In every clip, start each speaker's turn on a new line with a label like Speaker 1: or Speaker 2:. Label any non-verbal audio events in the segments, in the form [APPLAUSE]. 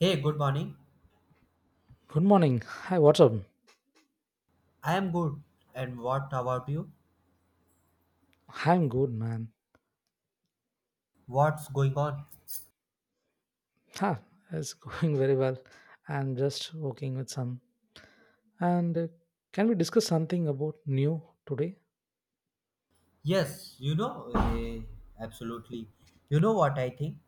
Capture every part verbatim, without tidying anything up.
Speaker 1: Hey, good morning.
Speaker 2: Good morning. Hi, what's up?
Speaker 1: I am good. And what about you?
Speaker 2: I'm good, man.
Speaker 1: What's going on?
Speaker 2: Ha, it's [LAUGHS] going very well. I'm just working with some. And uh, can we discuss something about new today?
Speaker 1: Yes, you know, eh, absolutely. You know what I think?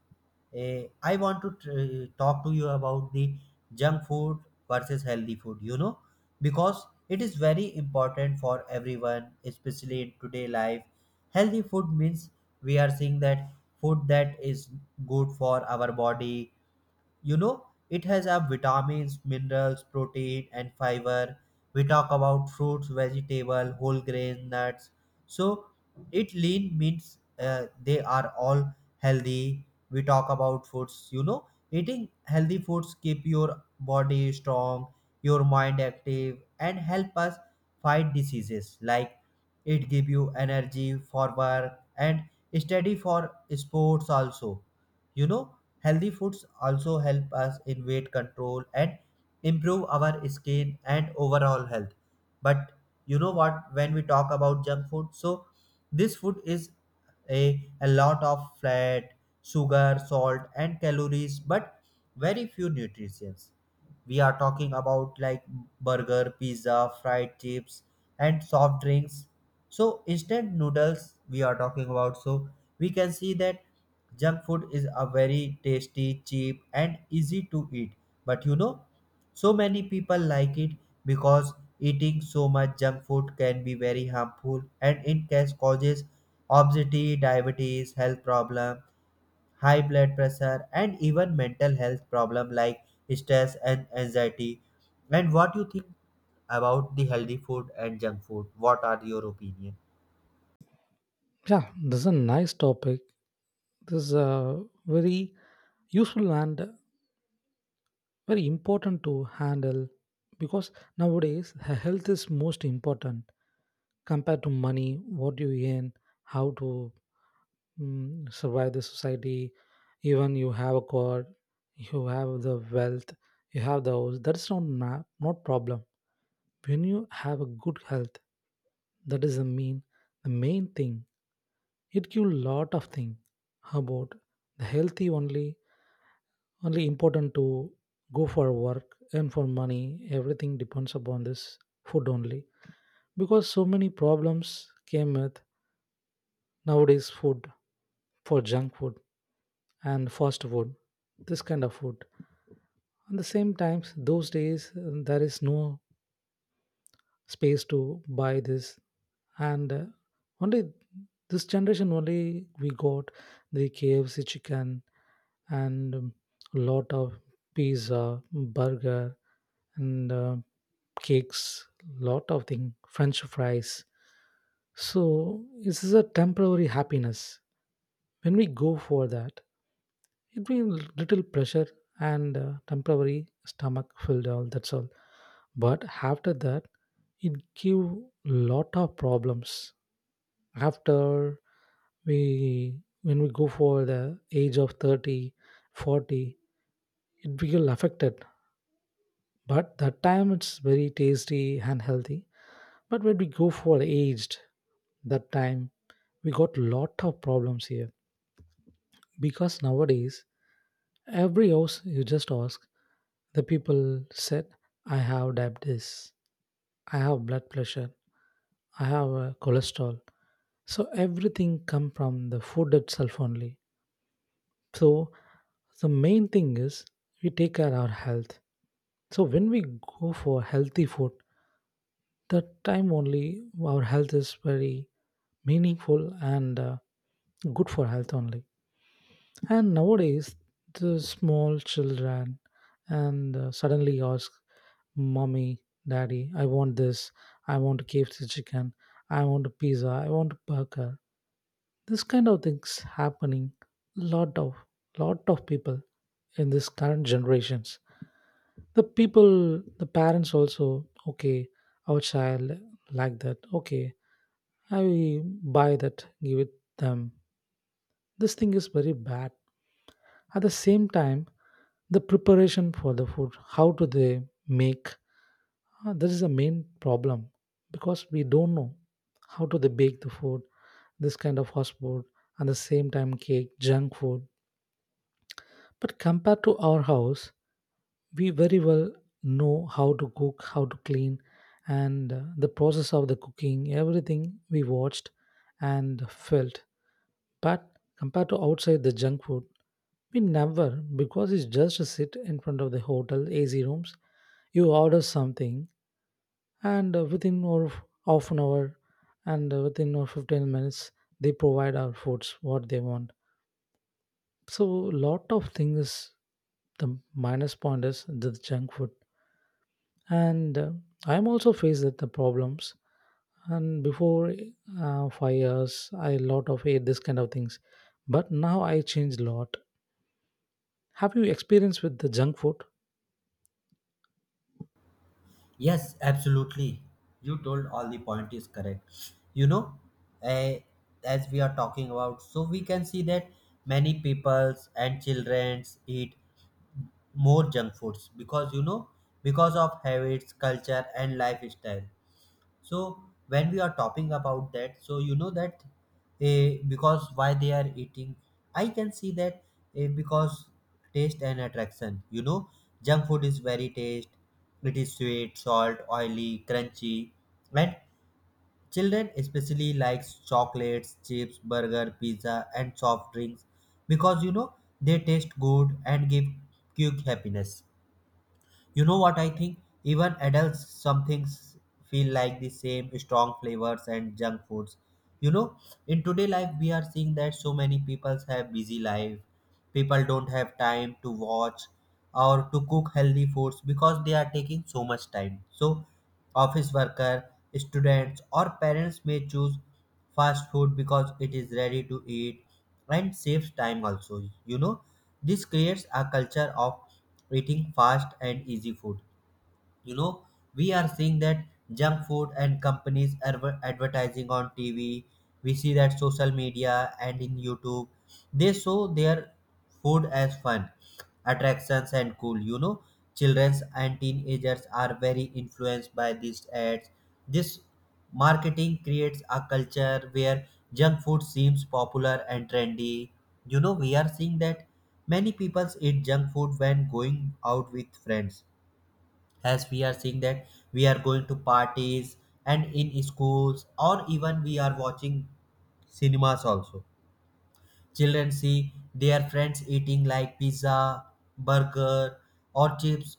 Speaker 1: Eh, I want to tr- eh, talk to you about the junk food versus healthy food, you know, because it is very important for everyone, especially in today life. Healthy food means we are seeing that food that is good for our body you know It has uh, vitamins, minerals, protein and fiber. We talk about fruits, vegetable, whole grain, nuts, so it lean means uh, they are all healthy. We talk about foods you know Eating healthy foods keep your body strong, your mind active and help us fight diseases like it give you energy for work and study for sports also you know Healthy foods also help us in weight control and improve our skin and overall health. But you know what, when we talk about junk food, so this food is a, a lot of fat, sugar, salt, and calories, but very few nutrients we are talking about like burger, pizza, fried chips and soft drinks, so instant noodles we are talking about, so we can see that junk food is a very tasty, cheap and easy to eat, but you know so many people like it because eating so much junk food can be very harmful and in case causes obesity, diabetes, health problem, high blood pressure, and even mental health problem like stress and anxiety. And what you think about the healthy food and junk food? What are your opinion?
Speaker 2: Yeah, this is a nice topic. This is a very useful and very important to handle because nowadays he- health is most important compared to money, what you earn, how to mm, survive the society. Even you have a car, you have the wealth, you have the house, that's not na- not problem. When you have a good health, that is the mean the main thing. It give lot of thing about the healthy only, only important to go for work and for money. Everything depends upon this food only, because so many problems came with nowadays food, for junk food and fast food, this kind of food. At the same times, those days uh, there is no space to buy this. And uh, only this generation only, we got the kfc chicken, and um, lot of pizza, burger, and uh, cakes, lot of thing, french fries. So this is a temporary happiness. When we go for that, it will little pressure, and uh, temporary stomach filled, all that's all. But after that, it give lot of problems after, we when we go for the age of thirty, forty, it will affected. But that time it's very tasty and healthy. But when we go for aged, that time we got lot of problems here, because nowadays every house, you just ask, the people said, "I have diabetes, I have blood pressure, I have uh, cholesterol." So everything come from the food itself only. So the main thing is we take care our health. So when we go for healthy food, that time only our health is very meaningful and uh, good for health only. And nowadays the small children and uh, suddenly ask, mommy, daddy, I want this, I want kfc chicken, I want a pizza, I want a burger. This kind of things happening, lot of lot of people in this current generations. The people, the parents also, okay, our child like that, okay, I will buy that, give it them. This thing is very bad. At the same time, the preparation for the food, how do they make, uh, this is the main problem, because we don't know how do they bake the food, this kind of fast food. At the same time, cake, junk food. But compared to our house, we very well know how to cook, how to clean, and uh, the process of the cooking, everything we watched and felt. But compared to outside the junk food, we never, because it's just a sit in front of the hotel A C rooms, you order something, and uh, within or half an hour, and uh, within or fifteen minutes, they provide our foods what they want. So, lot of things. The minus point is the junk food, and uh, I'm also faced with the problems. And before uh, five years, I lot of ate this kind of things, but now I changed lot. Have you experience with the junk food?
Speaker 1: Yes, absolutely. You told all the point is correct. You know, eh, as we are talking about, so we can see that many peoples and childrens eat more junk foods because you know because of habits, culture, and lifestyle. So when we are talking about that, so you know that eh, because why they are eating, I can see that eh, because taste and attraction you know Junk food is very taste, it is sweet, salt, oily, crunchy, and children especially likes chocolates, chips, burger, pizza and soft drinks because you know they taste good and give quick happiness. You know what I think? Even adults, some things feel like the same strong flavors and junk foods. You know, in today life, we are seeing that so many people have busy life. People don't have time to watch or to cook healthy foods because they are taking so much time. So, office worker, students, or parents may choose fast food because it is ready to eat and saves time also. You know, this creates a culture of eating fast and easy food. You know, we are seeing that junk food and companies adver- advertising on T V. We see that social media and in YouTube, they show their food as fun attractions and cool you know Childrens and teenagers are very influenced by these ads. This marketing creates a culture where junk food seems popular and trendy you know We are seeing that many people eat junk food when going out with friends, as we are seeing that we are going to parties and in schools or even we are watching cinemas also. Children see their friends eating like pizza, burger, or chips,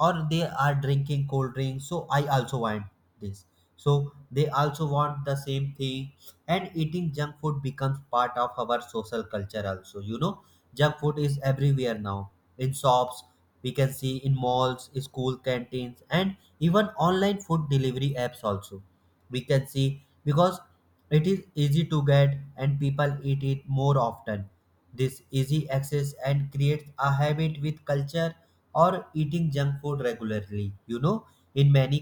Speaker 1: or they are drinking cold drinks. So I also want this. So they also want the same thing, and eating junk food becomes part of our social culture. Also, you know, junk food is everywhere now in shops. We can see in malls, school canteens, and even online food delivery apps also we can see because it is easy to get and people eat it more often. This easy access and creates a habit with culture or eating junk food regularly you know In many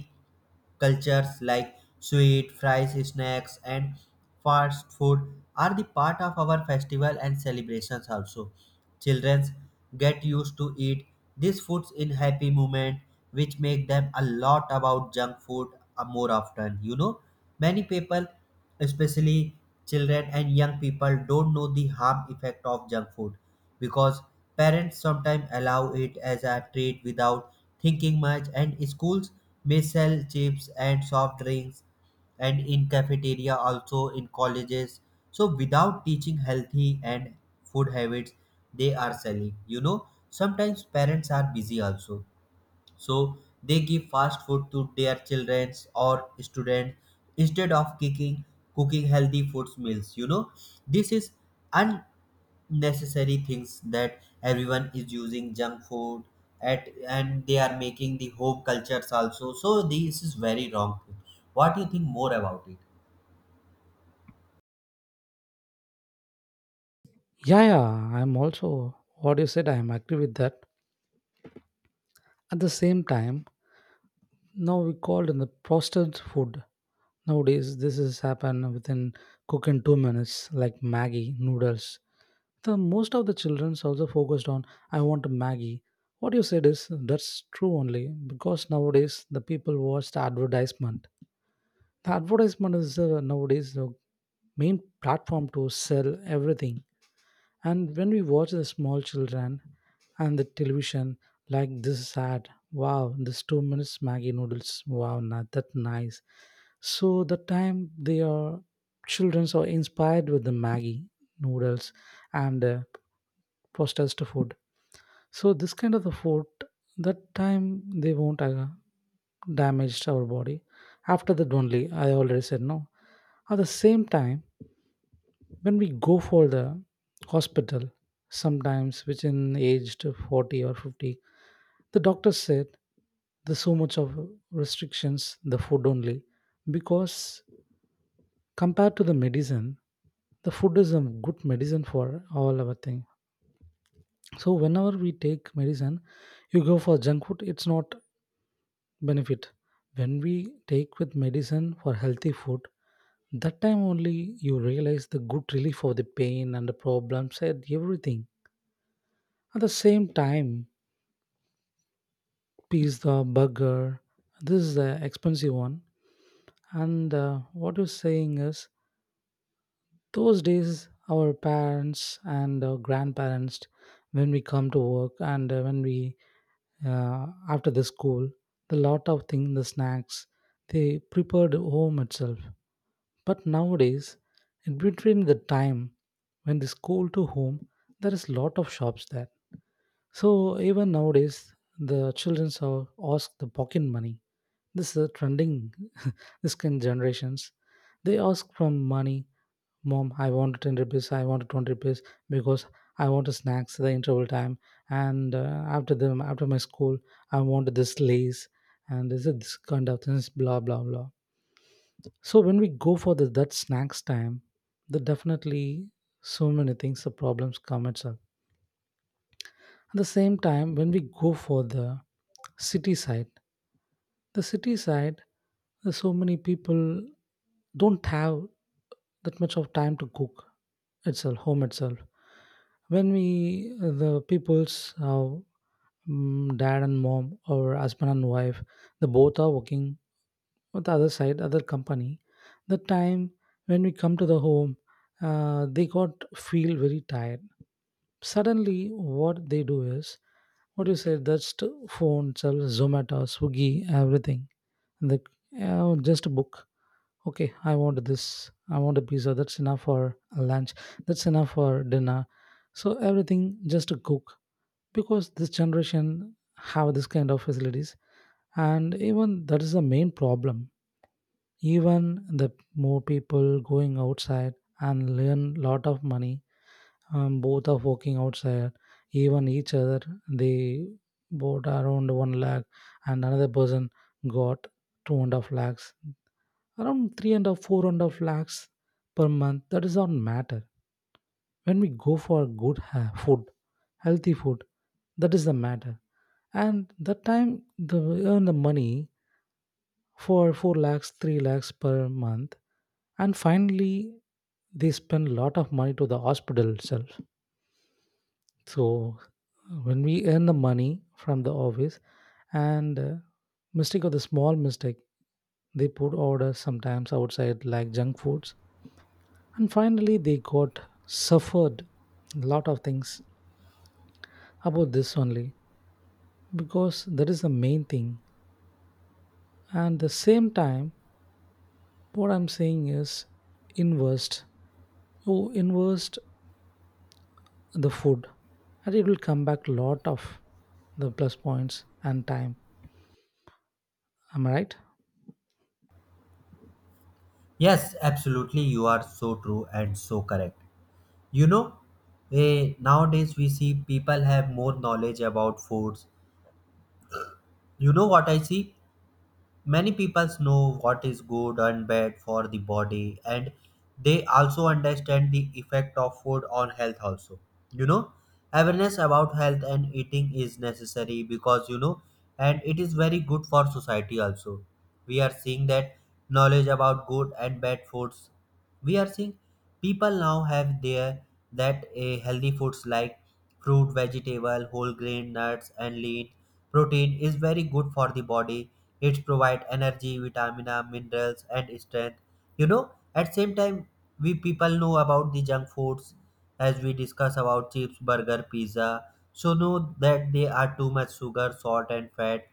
Speaker 1: cultures like sweet, fries, snacks and fast food are the part of our festival and celebrations also. Children get used to eat these foods in happy moment, which make them a lot about junk food uh, more often. You know, many people, especially children and young people, don't know the harm effect of junk food because parents sometimes allow it as a treat without thinking much, and schools may sell chips and soft drinks and in cafeteria also in colleges, so without teaching healthy and food habits they are selling you know Sometimes parents are busy also, so they give fast food to their children or students instead of cooking cooking healthy foods meals you know This is unnecessary things that everyone is using junk food at and they are making the home cultures also, so this is very wrong. What do you think more about it?
Speaker 2: Yeah, yeah, I'm also what you said, I am agree with that. At the same time, now we called in the processed food. Nowadays this has happened within cook in two minutes, like maggie noodles. The most of the children's also focused on, I want a Maggie. What you said is that's true only, because nowadays the people watch the advertisement. The advertisement is uh, nowadays the main platform to sell everything. And when we watch the small children and the television, like this is ad, wow, this two minutes Maggie noodles, wow, not that nice. So the time they are children are inspired with the Maggie noodles and uh, processed food. So this kind of the food, that time they won't uh, damage our body. After that only, I already said no. At the same time when we go for the hospital, sometimes within aged forty or fifty, the doctor said there's so much of restrictions the food only, because compared to the medicine, the food is a good medicine for all our thing. So whenever we take medicine, you go for junk food, it's not benefit. When we take with medicine for healthy food, that time only you realize the good relief of the pain and the problems and everything. At the same time, pizza, burger, this is the expensive one. And uh, what you're saying is, those days, our parents and uh, grandparents, when we come to work, and uh, when we uh, after the school, the lot of things, the snacks, they prepared home itself. But nowadays, in between the time when the school to home, there is lot of shops there. So even nowadays, the children are ask the pocket money. This is a trending. [LAUGHS] This kind generations, they ask from money. Mom, I want ten rupees. I want twenty rupees, because I want snacks at the interval time. And uh, after them, after my school, I want this lace and this is this kind of things. Blah blah blah. So when we go for the that snacks time, the definitely so many things the problems come itself. At the same time, when we go for the city side, the city side, there's so many people don't have that much of time to cook itself, home itself. When we, uh, the people's uh, mm, dad and mom, or husband and wife, the both are working on the other side, other company. The time when we come to the home, uh, they got feel very tired. Suddenly, what they do is, what you say, that's to phone, sells Zomato, Swiggy, everything. And the, uh, just a book. Okay, I want this. I want a pizza. That's enough for lunch. That's enough for dinner. So everything just to cook, because this generation have this kind of facilities, and even that is the main problem. Even the more people going outside and learn lot of money, um, both are working outside, even each other, they both around one lakh, and another person got two and a half lakhs, around three and a half, four and a half lakhs per month, that does not matter. When we go for good ha- food, healthy food, that is the matter. And that time the earn the money for four lakhs, three lakhs per month, and finally they spend a lot of money to the hospital itself. So when we earn the money from the office, and uh, mistake of the small mistake, they put orders sometimes outside like junk foods. And finally they got suffered lot of things about this only, because that is the main thing. And the same time, what I'm saying is invest. You invest the food and it will come back lot of the plus points and time. Am I right?
Speaker 1: Yes, absolutely, you are so true and so correct. You know, eh, Nowadays we see people have more knowledge about foods. You know what I see? Many people know what is good and bad for the body, and they also understand the effect of food on health, also. You know, Awareness about health and eating is necessary because, you know, and it is very good for society, also. We are seeing that knowledge about good and bad foods. We are seeing people now have their that a healthy foods like fruit, vegetable, whole grain, nuts, and lean protein is very good for the body. It provide energy, vitamins, minerals, and strength. You know, at same time, we people know about the junk foods as we discuss about chips, burger, pizza. So know that they are too much sugar, salt, and fat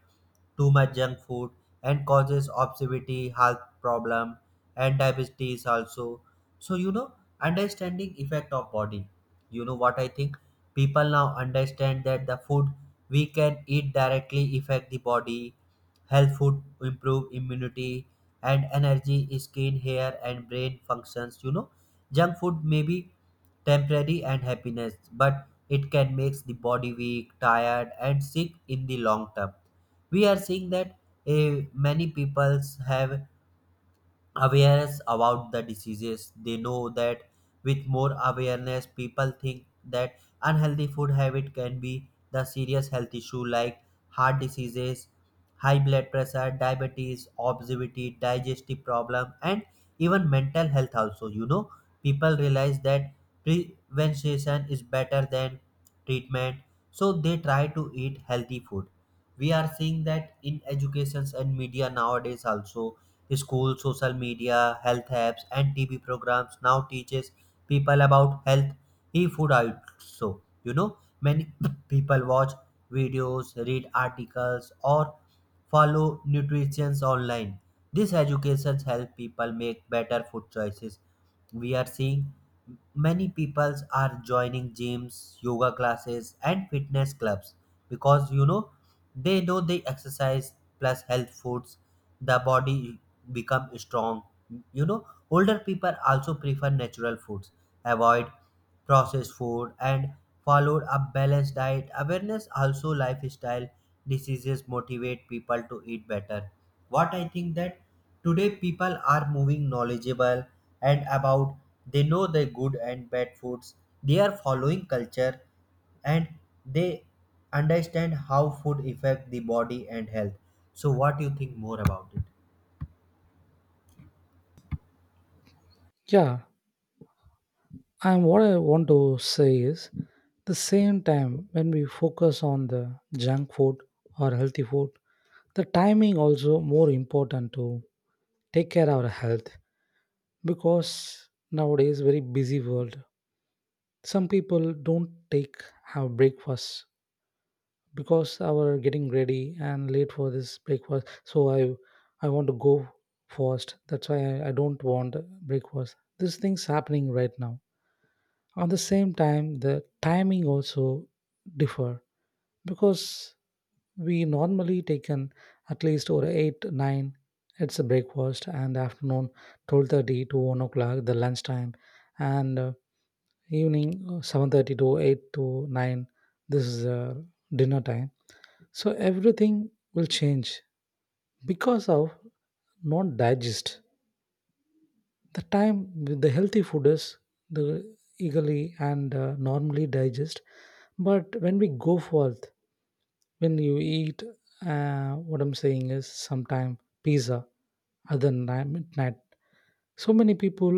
Speaker 1: too much junk food and causes obesity, health problem, and diabetes also. So you know, understanding effect of body. You know what I think? People now understand that the food we can eat directly affect the body. Health food improve immunity and energy, skin, hair, and brain functions. You know, junk food may be temporary and happiness, but it can make the body weak, tired, and sick in the long term. We are seeing that eh, many people have awareness about the diseases. They know that with more awareness, people think that unhealthy food habit can be the serious health issue like heart diseases, high blood pressure, diabetes, obesity, digestive problem, and even mental health. Also, you know, people realize that prevention is better than treatment, so they try to eat healthy food. We are seeing that in educations and media nowadays also, school, social media, health apps and T V programs now teaches people about health e food also you know Many [LAUGHS] [CLEARS THROAT] people watch videos, read articles or follow nutrition online. This education help people make better food choices. We are seeing many people are joining gyms, yoga classes, and fitness clubs because you know they know they exercise plus health foods, the body become strong. You know older people also prefer natural foods, avoid processed food and followed a balanced diet. Awareness also lifestyle diseases motivate people to eat better. What I think that today people are moving knowledgeable and about they know the good and bad foods. They are following culture and they understand how food affect the body and health. So what do you think more about it?
Speaker 2: Yeah. And what I want to say is the same time when we focus on the junk food or healthy food, the timing also more important to take care of our health, because nowadays very busy world. Some people don't take have breakfast, because our getting ready and late for this breakfast. So I I want to go first. That's why I, I don't want breakfast. These things happening right now. At the same time, the timing also differ, because we normally taken at least or eight nine, it's a breakfast. And afternoon twelve thirty to one o'clock, the lunchtime, and uh, evening uh, seven thirty to eight to nine, this is uh, dinner time. So everything will change because of not digest. The time with the healthy food is the eagerly and uh, normally digest. But when we go forth, when you eat, uh, what I'm saying is, sometime pizza at the ni- midnight. So many people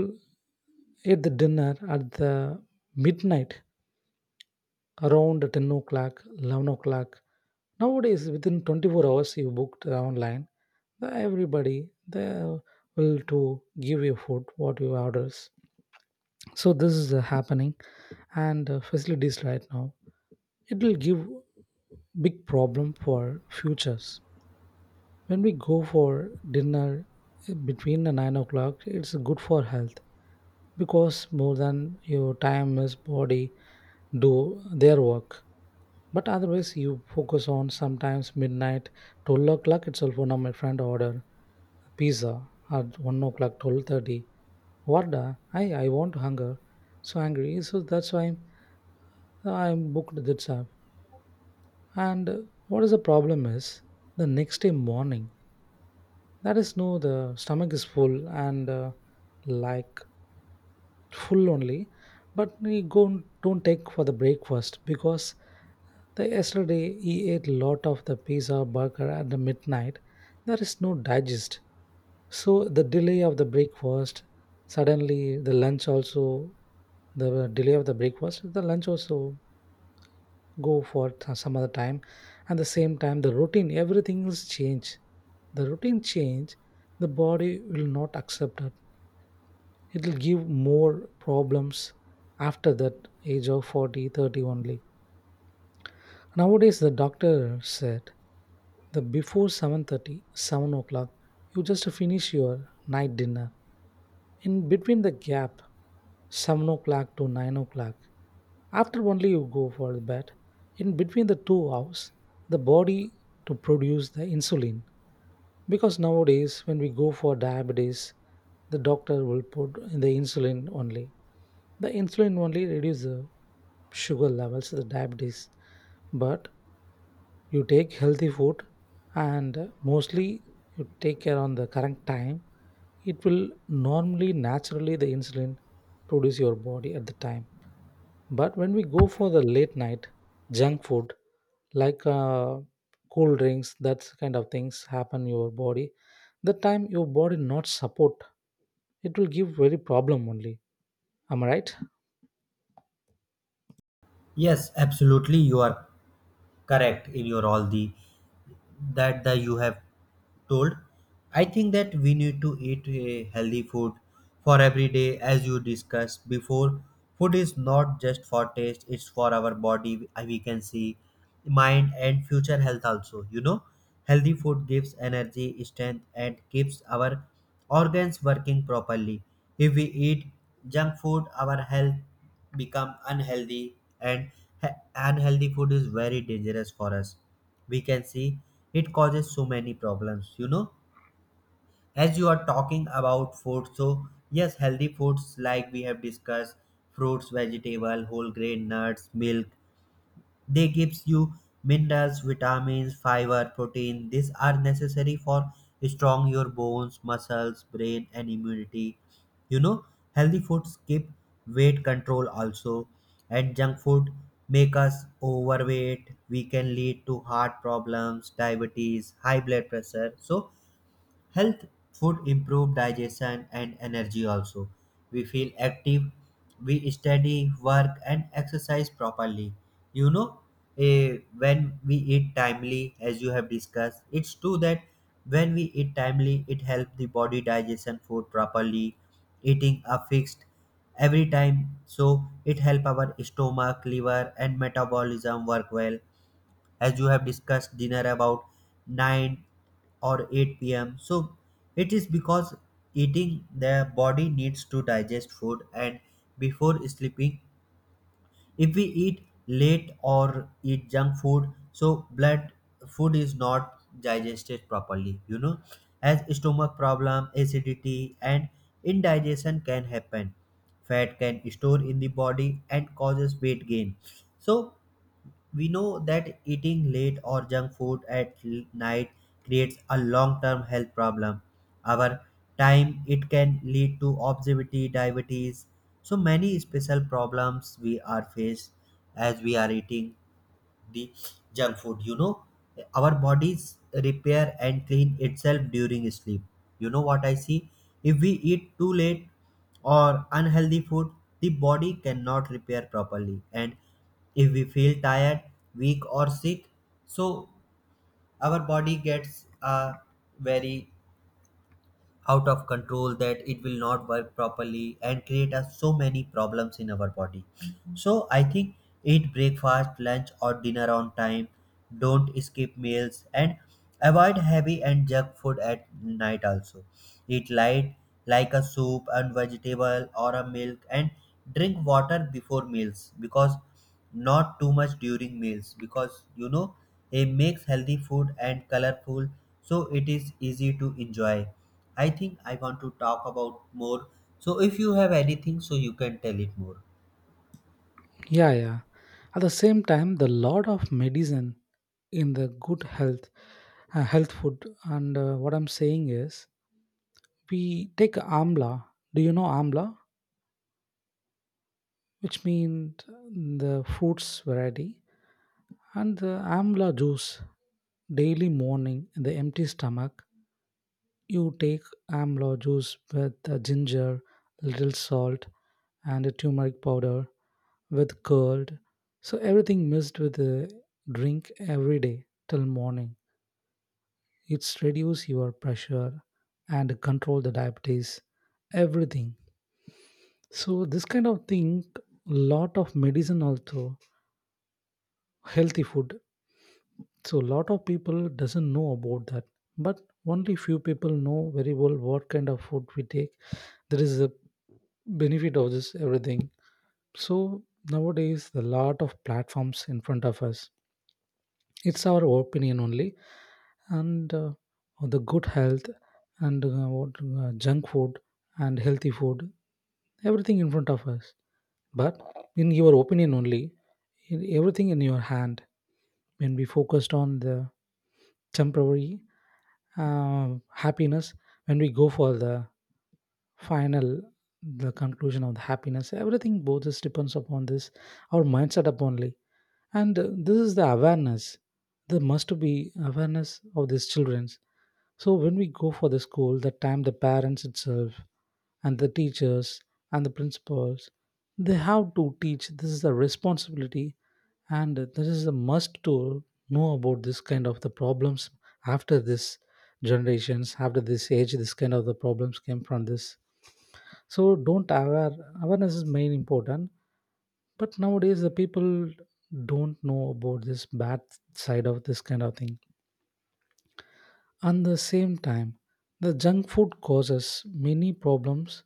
Speaker 2: ate the dinner at the midnight around ten o'clock, eleven o'clock. Nowadays within twenty-four hours you booked online, the- everybody, they will to give you food what you orders. So this is uh, happening, and uh, facilities right now, it will give big problem for futures. When we go for dinner, uh, between the nine o'clock, it's good for health, because more than your time is body do their work. But otherwise you focus on sometimes midnight, twelve o'clock itself. One of my friend order pizza at one o'clock, twelve thirty. What the, i i want hunger, so angry, so that's why I'm booked that time. And uh, what is the problem is the next day morning. That is no, the stomach is full, and uh, like full only. But we go don't take for the breakfast, because the yesterday he ate lot of the pizza burger at the midnight. There is no digest. So the delay of the breakfast, suddenly the lunch also the delay of the breakfast, the lunch also go for th- some other time, and the same time the routine everything will change, the routine change, the body will not accept it, it will give more problems after that. Age of forty, thirty only, nowadays the doctor said, the before seven thirty, seven o'clock you just finish your night dinner. In between the gap seven o'clock to nine o'clock, after only you go for the bed. In between the two hours, the body to produce the insulin, because nowadays when we go for diabetes, the doctor will put the insulin only. The insulin only reduce the sugar levels, the diabetes. But you take healthy food, and mostly you take care on the correct time, it will normally naturally, the insulin produce your body at the time. But when we go for the late night junk food, like uh, cool drinks, that kind of things happen your body, the time your body not support, it will give very problem only. Am I right?
Speaker 1: Yes, absolutely. You are correct in your all the that the you have told. I think that we need to eat a healthy food for every day, as you discussed before. Food is not just for taste; it's for our body. uh, We can see mind and future health also. You know, healthy food gives energy, strength, and keeps our organs working properly. If we eat junk food, our health become unhealthy and he- unhealthy food is very dangerous for us. We can see it causes so many problems you know As you are talking about food, so yes, healthy foods like we have discussed fruits, vegetable, whole grain, nuts, milk, they gives you minerals, vitamins, fiber, protein. These are necessary for strong your bones, muscles, brain and immunity. You know, Healthy foods keep weight control also and junk food make us overweight. We can lead to heart problems, diabetes, high blood pressure. So health food improve digestion and energy also. We feel active, we study, work and exercise properly. You know, eh, when we eat timely, as you have discussed, it's true that when we eat timely, it helps the body digestion food properly. Eating a fixed every time, so it help our stomach, liver and metabolism work well, as you have discussed dinner about nine or eight p m, so it is because eating the body needs to digest food and before sleeping, if we eat late or eat junk food, so blood food is not digested properly. You know as stomach problem, acidity and indigestion can happen, fat can store in the body and causes weight gain. So we know that eating late or junk food at l- night creates a long-term health problem. Over time, it can lead to obesity, diabetes, so many special problems we are faced as we are eating the junk food. You know our bodies repair and clean itself during sleep. You know what I see? If we eat too late or unhealthy food, the body cannot repair properly and if we feel tired, weak or sick, so our body gets a very out of control that it will not work properly and create us so many problems in our body. So I think eat breakfast, lunch or dinner on time, don't skip meals and avoid heavy and junk food at night also. Eat light like a soup and vegetable or a milk and drink water before meals because not too much during meals because you know it makes healthy food and colorful, so it is easy to enjoy. I think I want to talk about more. So if you have anything, so you can tell it more.
Speaker 2: Yeah, yeah. At the same time, the lot of medicine in the good health, uh, health food, and uh, what I'm saying is, we take amla. Do you know amla, which means the fruits variety, and the amla juice daily morning in the empty stomach. You take amla juice with the ginger, little salt, and a turmeric powder with curd. So everything mixed with a drink every day till morning. It's reduce your pressure and control the diabetes, everything. So this kind of thing, lot of medicine also, healthy food. So a lot of people doesn't know about that, but only few people know very well what kind of food we take. There is a benefit of this everything. So nowadays, a lot of platforms in front of us. It's our opinion only. And uh, the good health, and uh, what uh, junk food and healthy food, everything in front of us. But in your opinion only, in everything in your hand. When we focused on the temporary uh, happiness, when we go for the final, the conclusion of the happiness, everything both just depends upon this, our mindset up only. And uh, this is the awareness, there must be awareness of these childrens. So when we go for the school, that time the parents itself and the teachers and the principals, they have to teach. This is a responsibility, and this is a must to know about this kind of the problems. After this generations, after this age, this kind of the problems came from this. So don't aware, awareness is main important. But nowadays, the people don't know about this bad side of this kind of thing. At the same time, the junk food causes many problems,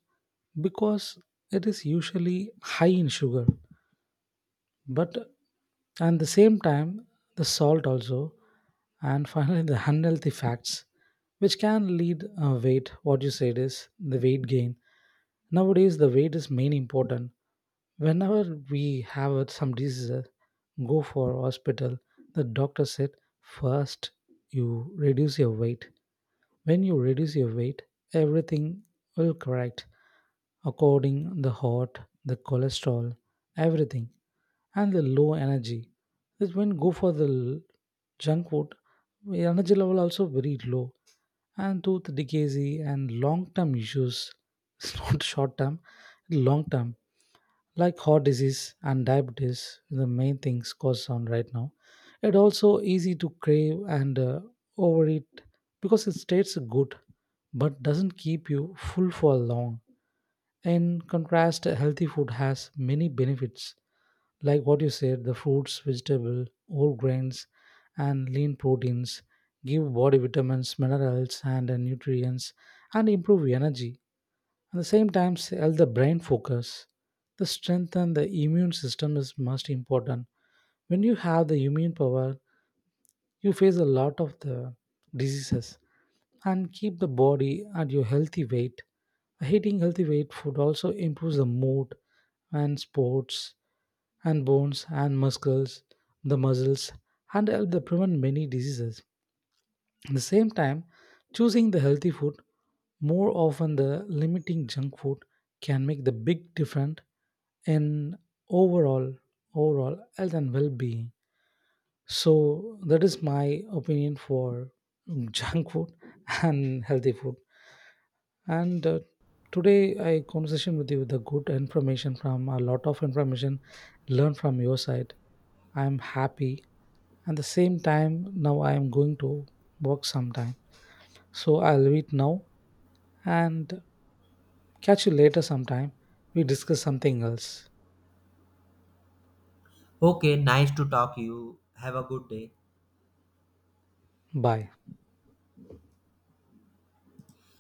Speaker 2: because it is usually high in sugar, but at the same time the salt also, and finally the unhealthy facts, which can lead uh, weight, what you said is the weight gain. Nowadays the weight is main important. Whenever we have uh, some diseases, go for hospital, the doctor said, first you reduce your weight. When you reduce your weight, everything will correct, according the heart, the cholesterol, everything, and the low energy. That when go for the l- junk food, the energy level also very low, and tooth decay and long term issues. [LAUGHS] It's not short term, long term, like heart disease and diabetes, the main things caused on right now. It also easy to crave and uh, overeat, because it tastes good but doesn't keep you full for long. In contrast, healthy food has many benefits, like what you said, the fruits vegetable whole grains and lean proteins, give body vitamins, minerals and uh, nutrients, and improve energy. At the same time, help the brain focus. The strength and the immune system is most important. When you have the immune power, you face a lot of the diseases, and keep the body at your healthy weight. Eating healthy weight food also improves the mood and sports and bones and muscles, the muscles, and help the prevent many diseases. At the same time, choosing the healthy food more often, the limiting junk food, can make the big difference in overall overall health and well-being. So that is my opinion for [LAUGHS] junk food and healthy food. And uh, today I conversation with you with the good information, from a lot of information learned from your side. I am happy. At the same time, now I am going to work sometime. So I'll leave it now, and catch you later sometime. We discuss something else.
Speaker 1: Okay, nice to talk you. Have a good day.
Speaker 2: Bye.